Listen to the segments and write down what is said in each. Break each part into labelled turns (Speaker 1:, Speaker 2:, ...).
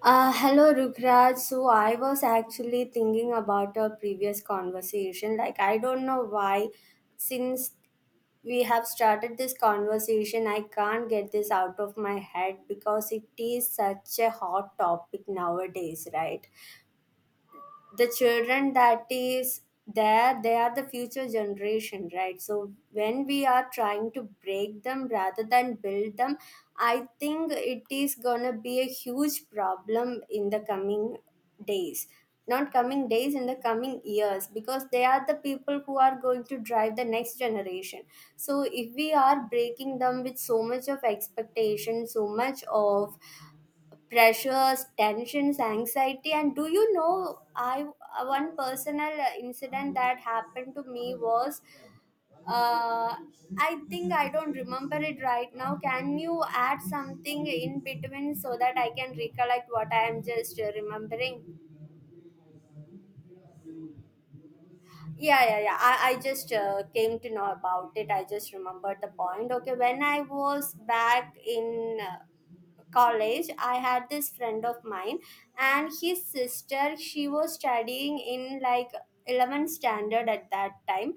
Speaker 1: Hello, Rukraj. So I was actually thinking about our previous conversation. Like, I don't know why, since we have started this conversation, I can't get this out of my head because it is such a hot topic nowadays, right? The children that is there, they are the future generation, right? So when we are trying to break them rather than build them, I think it is going to be a huge problem in the coming days. Not coming days, in the coming years, because they are the people who are going to drive the next generation. So if we are breaking them with so much of expectation, so much of pressures, tensions, anxiety. And do you know, I, one personal incident that happened to me was, uh, I think I don't remember it right now. Can you add something in between so that I can recollect what I am just remembering? Yeah, yeah, yeah. I just came to know about it. I just remembered the point. Okay, when I was back in, college, I had this friend of mine, and his sister, she was studying in, like, 11th standard at that time.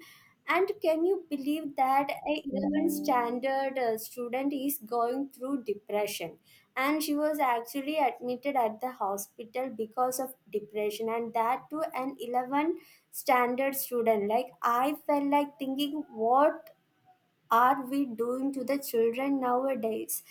Speaker 1: And can you believe that a 11th standard student is going through depression? And she was actually admitted at the hospital because of depression, and that to an 11 standard student. Like, I felt like thinking, what are we doing to the children nowadays?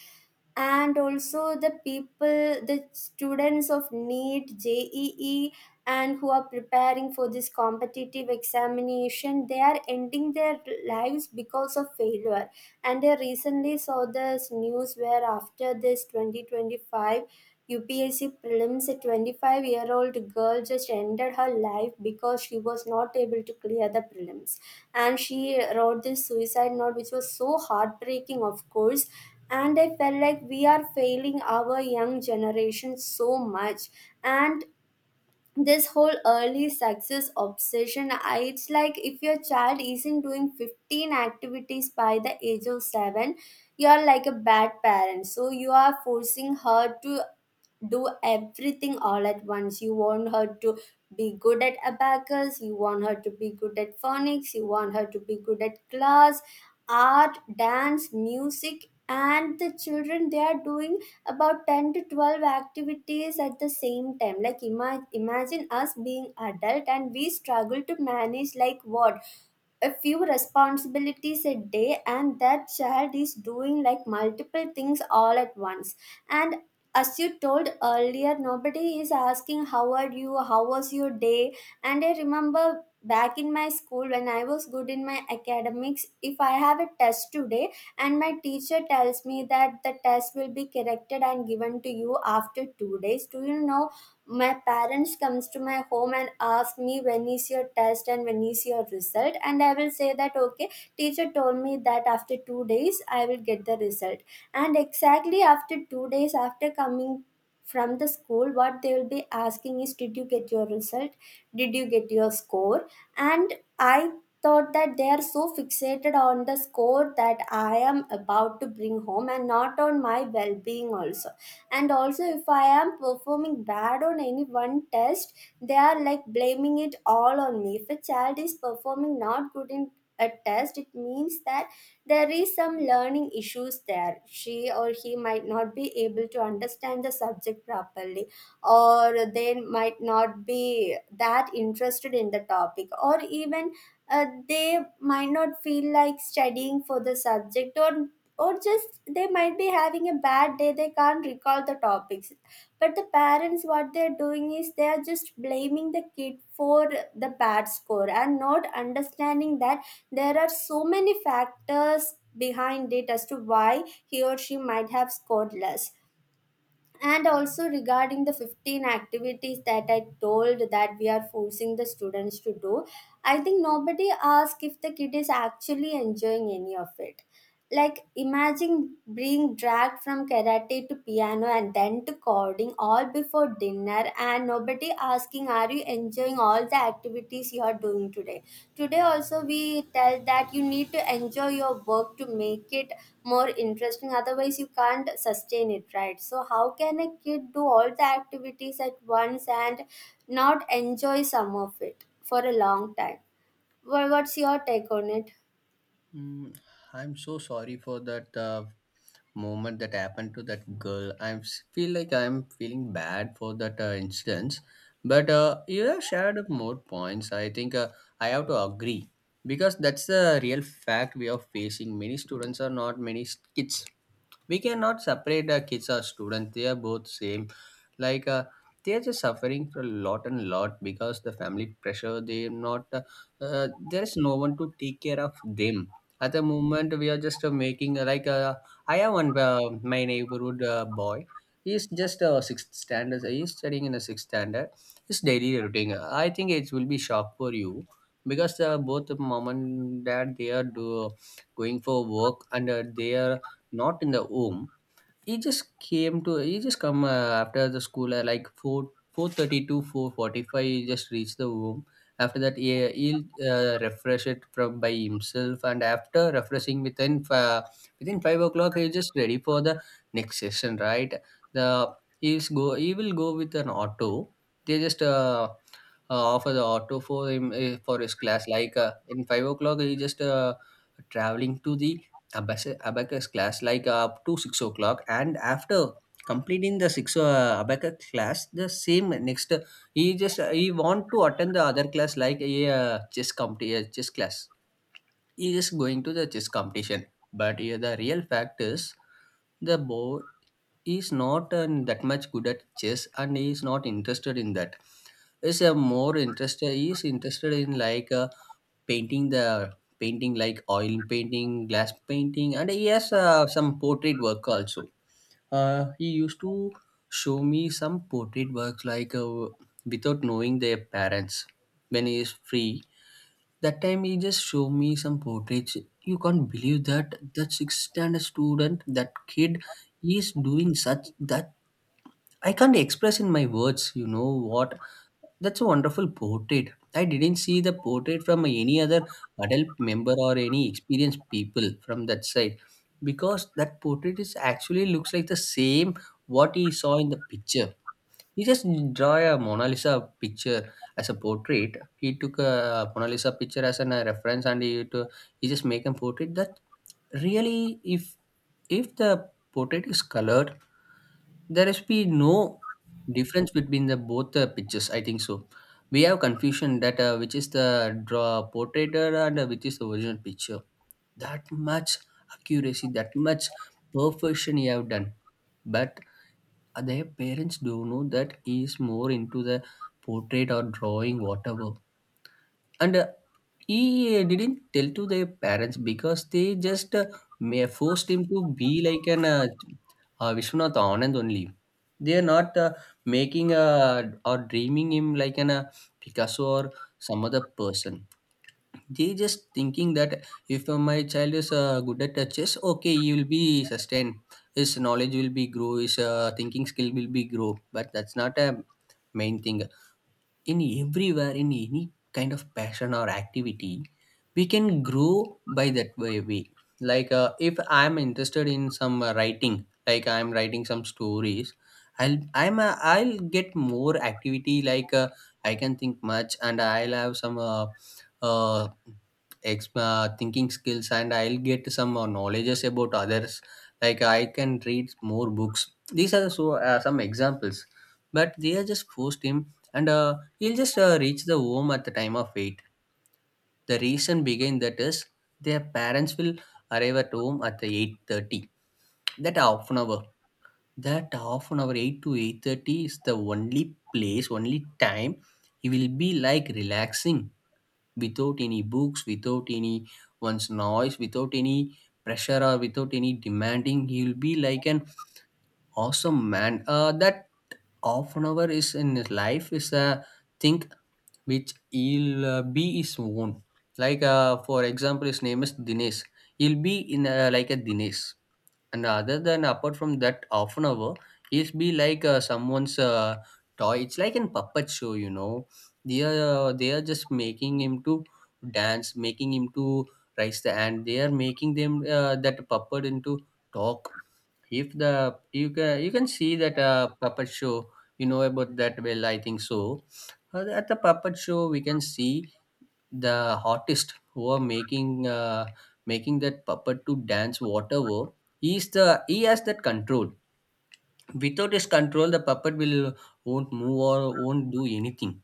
Speaker 1: And also the people, the students of NEAT JEE, and who are preparing for this competitive examination, they are ending their lives because of failure. And I recently saw this news where after this 2025 UPSC prelims, a 25-year-old girl just ended her life because she was not able to clear the prelims. And she wrote this suicide note, which was so heartbreaking, of course. And I felt like we are failing our young generation so much. And this whole early success obsession, it's like if your child isn't doing 15 activities by the age of 7, you are like a bad parent. So you are forcing her to do everything all at once. You want her to be good at abacus, you want her to be good at phonics, you want her to be good at class, art, dance, music, and the children, they are doing about 10 to 12 activities at the same time. Like imagine us being adult and we struggle to manage, like, what, a few responsibilities a day, and that child is doing like multiple things all at once. And as you told earlier, nobody is asking, how are you, how was your day? And I remember back in my school, when I was good in my academics, if I have a test today and my teacher tells me that the test will be corrected and given to you after 2 days, do you know, my parents comes to my home and ask me, when is your test and when is your result, and I will say that okay, teacher told me that after 2 days I will get the result. And exactly after 2 days, after coming from the school, what they will be asking is, did you get your result, did you get your score? And I thought that they are so fixated on the score that I am about to bring home and not on my well-being also. And also if I am performing bad on any one test, they are like blaming it all on me. If a child is performing not good in a test, it means that there is some learning issues there, she or he might not be able to understand the subject properly, or they might not be that interested in the topic, or even, they might not feel like studying for the subject, or just they might be having a bad day, they can't recall the topics. But the parents, what they're doing is, they are just blaming the kid for the bad score and not understanding that there are so many factors behind it as to why he or she might have scored less. And also regarding the 15 activities that I told that we are forcing the students to do, I think nobody asked if the kid is actually enjoying any of it. Like, imagine being dragged from karate to piano and then to coding all before dinner, and nobody asking, are you enjoying all the activities you are doing today? Today also we tell that you need to enjoy your work to make it more interesting, otherwise you can't sustain it, right? So how can a kid do all the activities at once and not enjoy some of it for a long time? Well, what's your take on it?
Speaker 2: Mm, I'm so sorry for that moment that happened to that girl. I feel like I'm feeling bad for that incident. But you have shared more points. I think I have to agree, because that's the real fact we are facing. Many students are not, many kids, we cannot separate the kids or students, they are both same. Like they are just suffering for a lot and lot, because the family pressure, they are not there is no one to take care of them. At the moment, we are just making like I have one my neighborhood boy. He is just sixth standard. He is studying in a sixth standard. His daily routine, I think it will be shock for you, because both mom and dad, they are going for work, and they are not in the home. He just came to. He just come after the school, like four four thirty to 4:45. He just reached the home. After that, he'll refresh it from by himself, and after refreshing, within 5 o'clock, he's just ready for the next session. Right? The He will go with an auto. They just offer the auto for him for his class. Like in 5 o'clock, he just traveling to the abacus class, like up to 6 o'clock, and after completing the 6 abacus class, the same next he want to attend the other class, like a chess class. He is going to the chess competition. But the real fact is, the boy is not that much good at chess, and he is not interested in that. Is a more interested He is interested in, like painting the painting, like oil painting, glass painting, and he has some portrait work also. He used to show me some portrait works, like without knowing their parents. When he is free, that time he just showed me some portraits. You can't believe that, that sixth standard student, that kid, he is doing such that I can't express in my words, you know what? That's a wonderful portrait. I didn't see the portrait from any other adult member or any experienced people from that side, because that portrait is actually looks like the same what he saw in the picture. He just draw a Mona Lisa picture as a portrait. He took a Mona Lisa picture as an, a reference, and he just make a portrait that really, if the portrait is colored, there has been no difference between the both the pictures, I think so. We have confusion that which is the draw portraitor and which is the original picture. That much accuracy, that much perfection he have done. But their parents do know that he is more into the portrait or drawing, whatever. And he didn't tell to their parents, because they just forced him to be like an Vishwanath Anand only. They are not making a or dreaming him like an Picasso or some other person. They just thinking that if my child is good at chess, okay, he will be sustained. His knowledge will be grow. His thinking skill will be grow. But that's not a main thing. In everywhere, in any kind of passion or activity, we can grow by that way. Like if I'm interested in some writing, like I'm writing some stories, I'll get more activity, like I can think much, and I'll have some uh, thinking skills, and I'll get some knowledges about others, like I can read more books. These are so some examples. But they are just forced him. And you'll just reach the home at the time of 8. The reason behind that is their parents will arrive at home at the 8:30. That half an hour. That half an hour, 8 to 8:30, is the only place, only time he will be like relaxing, without any books, without any one's noise, without any pressure, or without any demanding. He will be like an awesome man. That half an hour is in his life is a thing which he'll be his own. Like for example, his name is Dinesh. He'll be in a, like a Dinesh, and other than, apart from that half an hour, he'll be like someone's toy. It's like a puppet show, you know. They are just making him to dance, making him to raise the hand. They are making them that puppet into talk. If the you can see that puppet show. You know about that well, I think so. At the puppet show, we can see the artist who are making making that puppet to dance, whatever. He is the he has that control. Without his control, the puppet will won't move or won't do anything.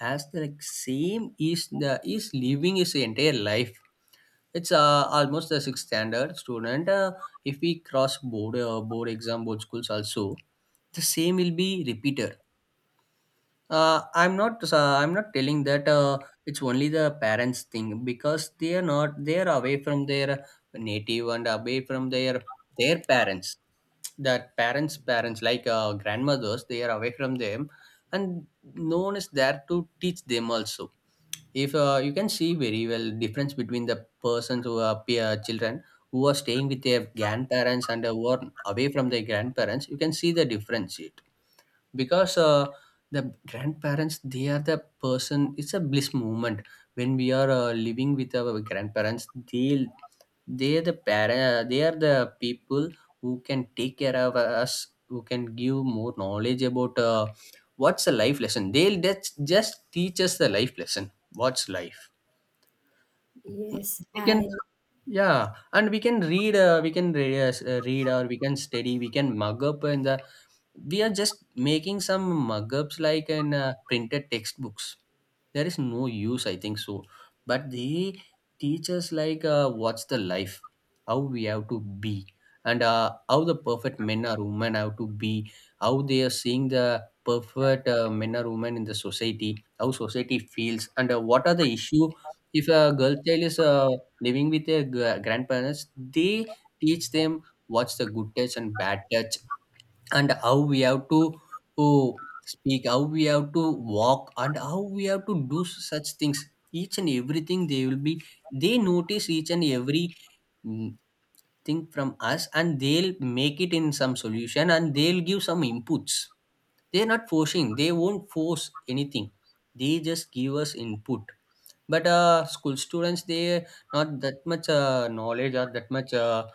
Speaker 2: As the like, same is the is living his entire life. It's almost the sixth standard student. If we cross board exam, board schools also, the same will be repeated. I'm not telling that it's only the parents thing, because they are not. They are away from their native, and away from their parents. That parents' parents, like grandmothers, they are away from them, and no one is there to teach them also. If you can see, very well difference between the persons who are peer children who are staying with their grandparents and who are away from their grandparents, you can see the difference, because the grandparents, they are the person, it's a bliss moment when we are living with our grandparents. They are the people who can take care of us, who can give more knowledge about what's a life lesson. They'll just teach us the life lesson, what's life.
Speaker 1: Yes,
Speaker 2: We can,
Speaker 1: I.
Speaker 2: yeah, and we can read read, or we can study, we can mug up in the, we are just making some mug-ups like in printed textbooks. There is no use, I think so. But they teach us, like what's the life, how we have to be, and how the perfect men or women have to be, how they are seeing the perfect men or women in the society, how society feels, and what are the issue. If a girl child is living with their grandparents, they teach them what's the good touch and bad touch, and how we have to, oh, speak, how we have to walk, and how we have to do such things. Each and everything, they will be, they notice each and every mm, thing from us, and they'll make it in some solution, and they'll give some inputs. They're not forcing, they won't force anything, they just give us input. But school students, they not that much knowledge or that much uh,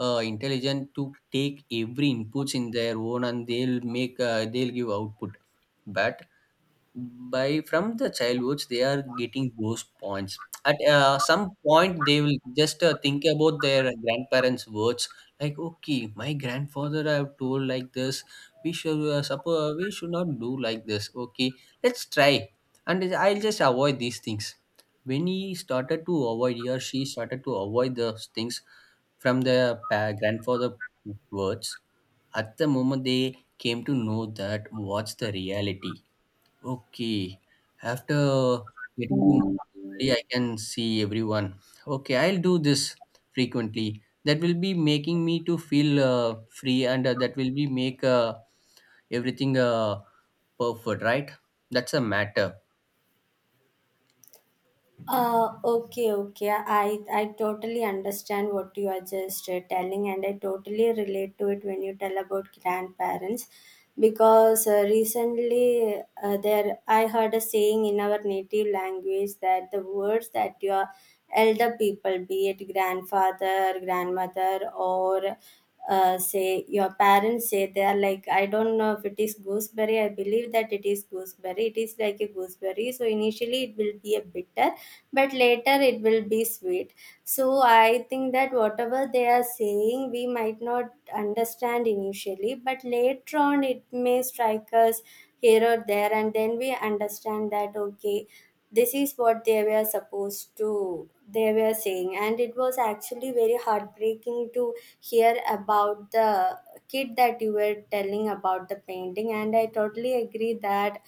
Speaker 2: uh, intelligent to take every inputs in their own, and they'll give output. But by from the childhood, they are getting those points. At some point, they will just think about their grandparents words, like, okay, my grandfather I have told like this, we should, suppose we should not do like this, okay, let's try, and I'll just avoid these things. When he started to avoid, he or she started to avoid those things from the grandfather words, at the moment they came to know that what's the reality. Okay. After getting to normally, I can see everyone. Okay, I'll do this frequently. That will be making me to feel free, and that will be make everything perfect, right? That's a matter.
Speaker 1: Okay, okay. I totally understand what you are just telling, and I totally relate to it when you tell about grandparents, because recently there I heard a saying in our native language that the words that your elder people, be it grandfather, grandmother, or say your parents say, they are like, I don't know, if it is gooseberry, I believe that it is gooseberry, it is like a gooseberry. So initially it will be a bitter, but later it will be sweet. So I think that whatever they are saying, we might not understand initially, but later on it may strike us here or there, and then we understand that okay, this is what they were supposed to, they were saying. And it was actually very heartbreaking to hear about the kid that you were telling about the painting. And I totally agree that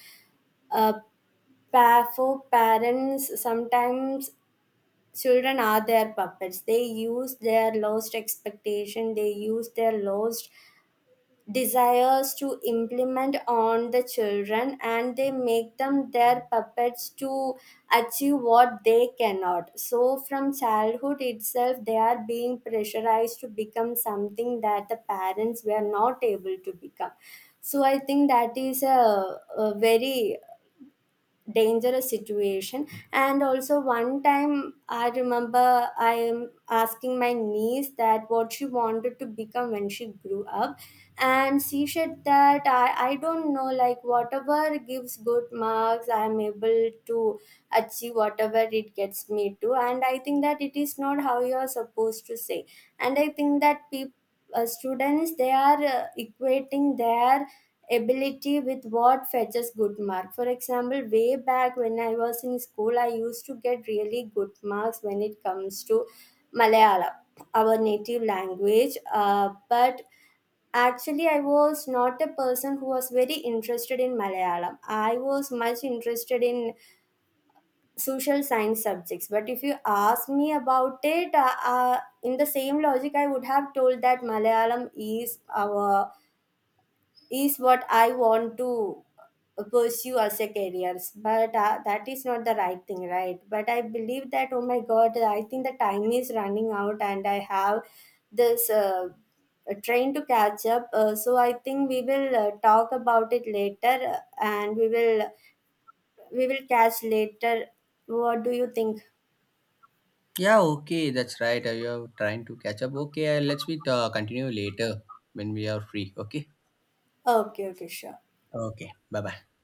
Speaker 1: uh, for parents sometimes children are their puppets, they use their lost expectation, they use their lost desires to implement on the children, and they make them their puppets to achieve what they cannot. So from childhood itself they are being pressurized to become something that the parents were not able to become. So I think that is a very dangerous situation. And also one time I remember I am asking my niece that what she wanted to become when she grew up, and she said that I don't know, like whatever gives good marks I am able to achieve whatever it gets me to. And I think that it is not how you are supposed to say. And I think that people, students, they are equating their ability with what fetches good mark. For example, way back when I was in school, I used to get really good marks when it comes to Malayalam, our native language. uh, but actually I was not a person who was very interested in Malayalam, I was much interested in social science subjects. But if you ask me about it, in the same logic I would have told that Malayalam is our, is what I want to pursue as a career. But that is not the right thing, right? But I believe that, oh my god, I think the time is running out, and I have this train to catch up, so I think we will talk about it later, and we will catch later. What do you think?
Speaker 2: Yeah. Okay, that's right. You're trying to catch up. Okay, let's be continue later when we are free. Okay.
Speaker 1: Okay, okay, sure.
Speaker 2: Okay. Bye bye.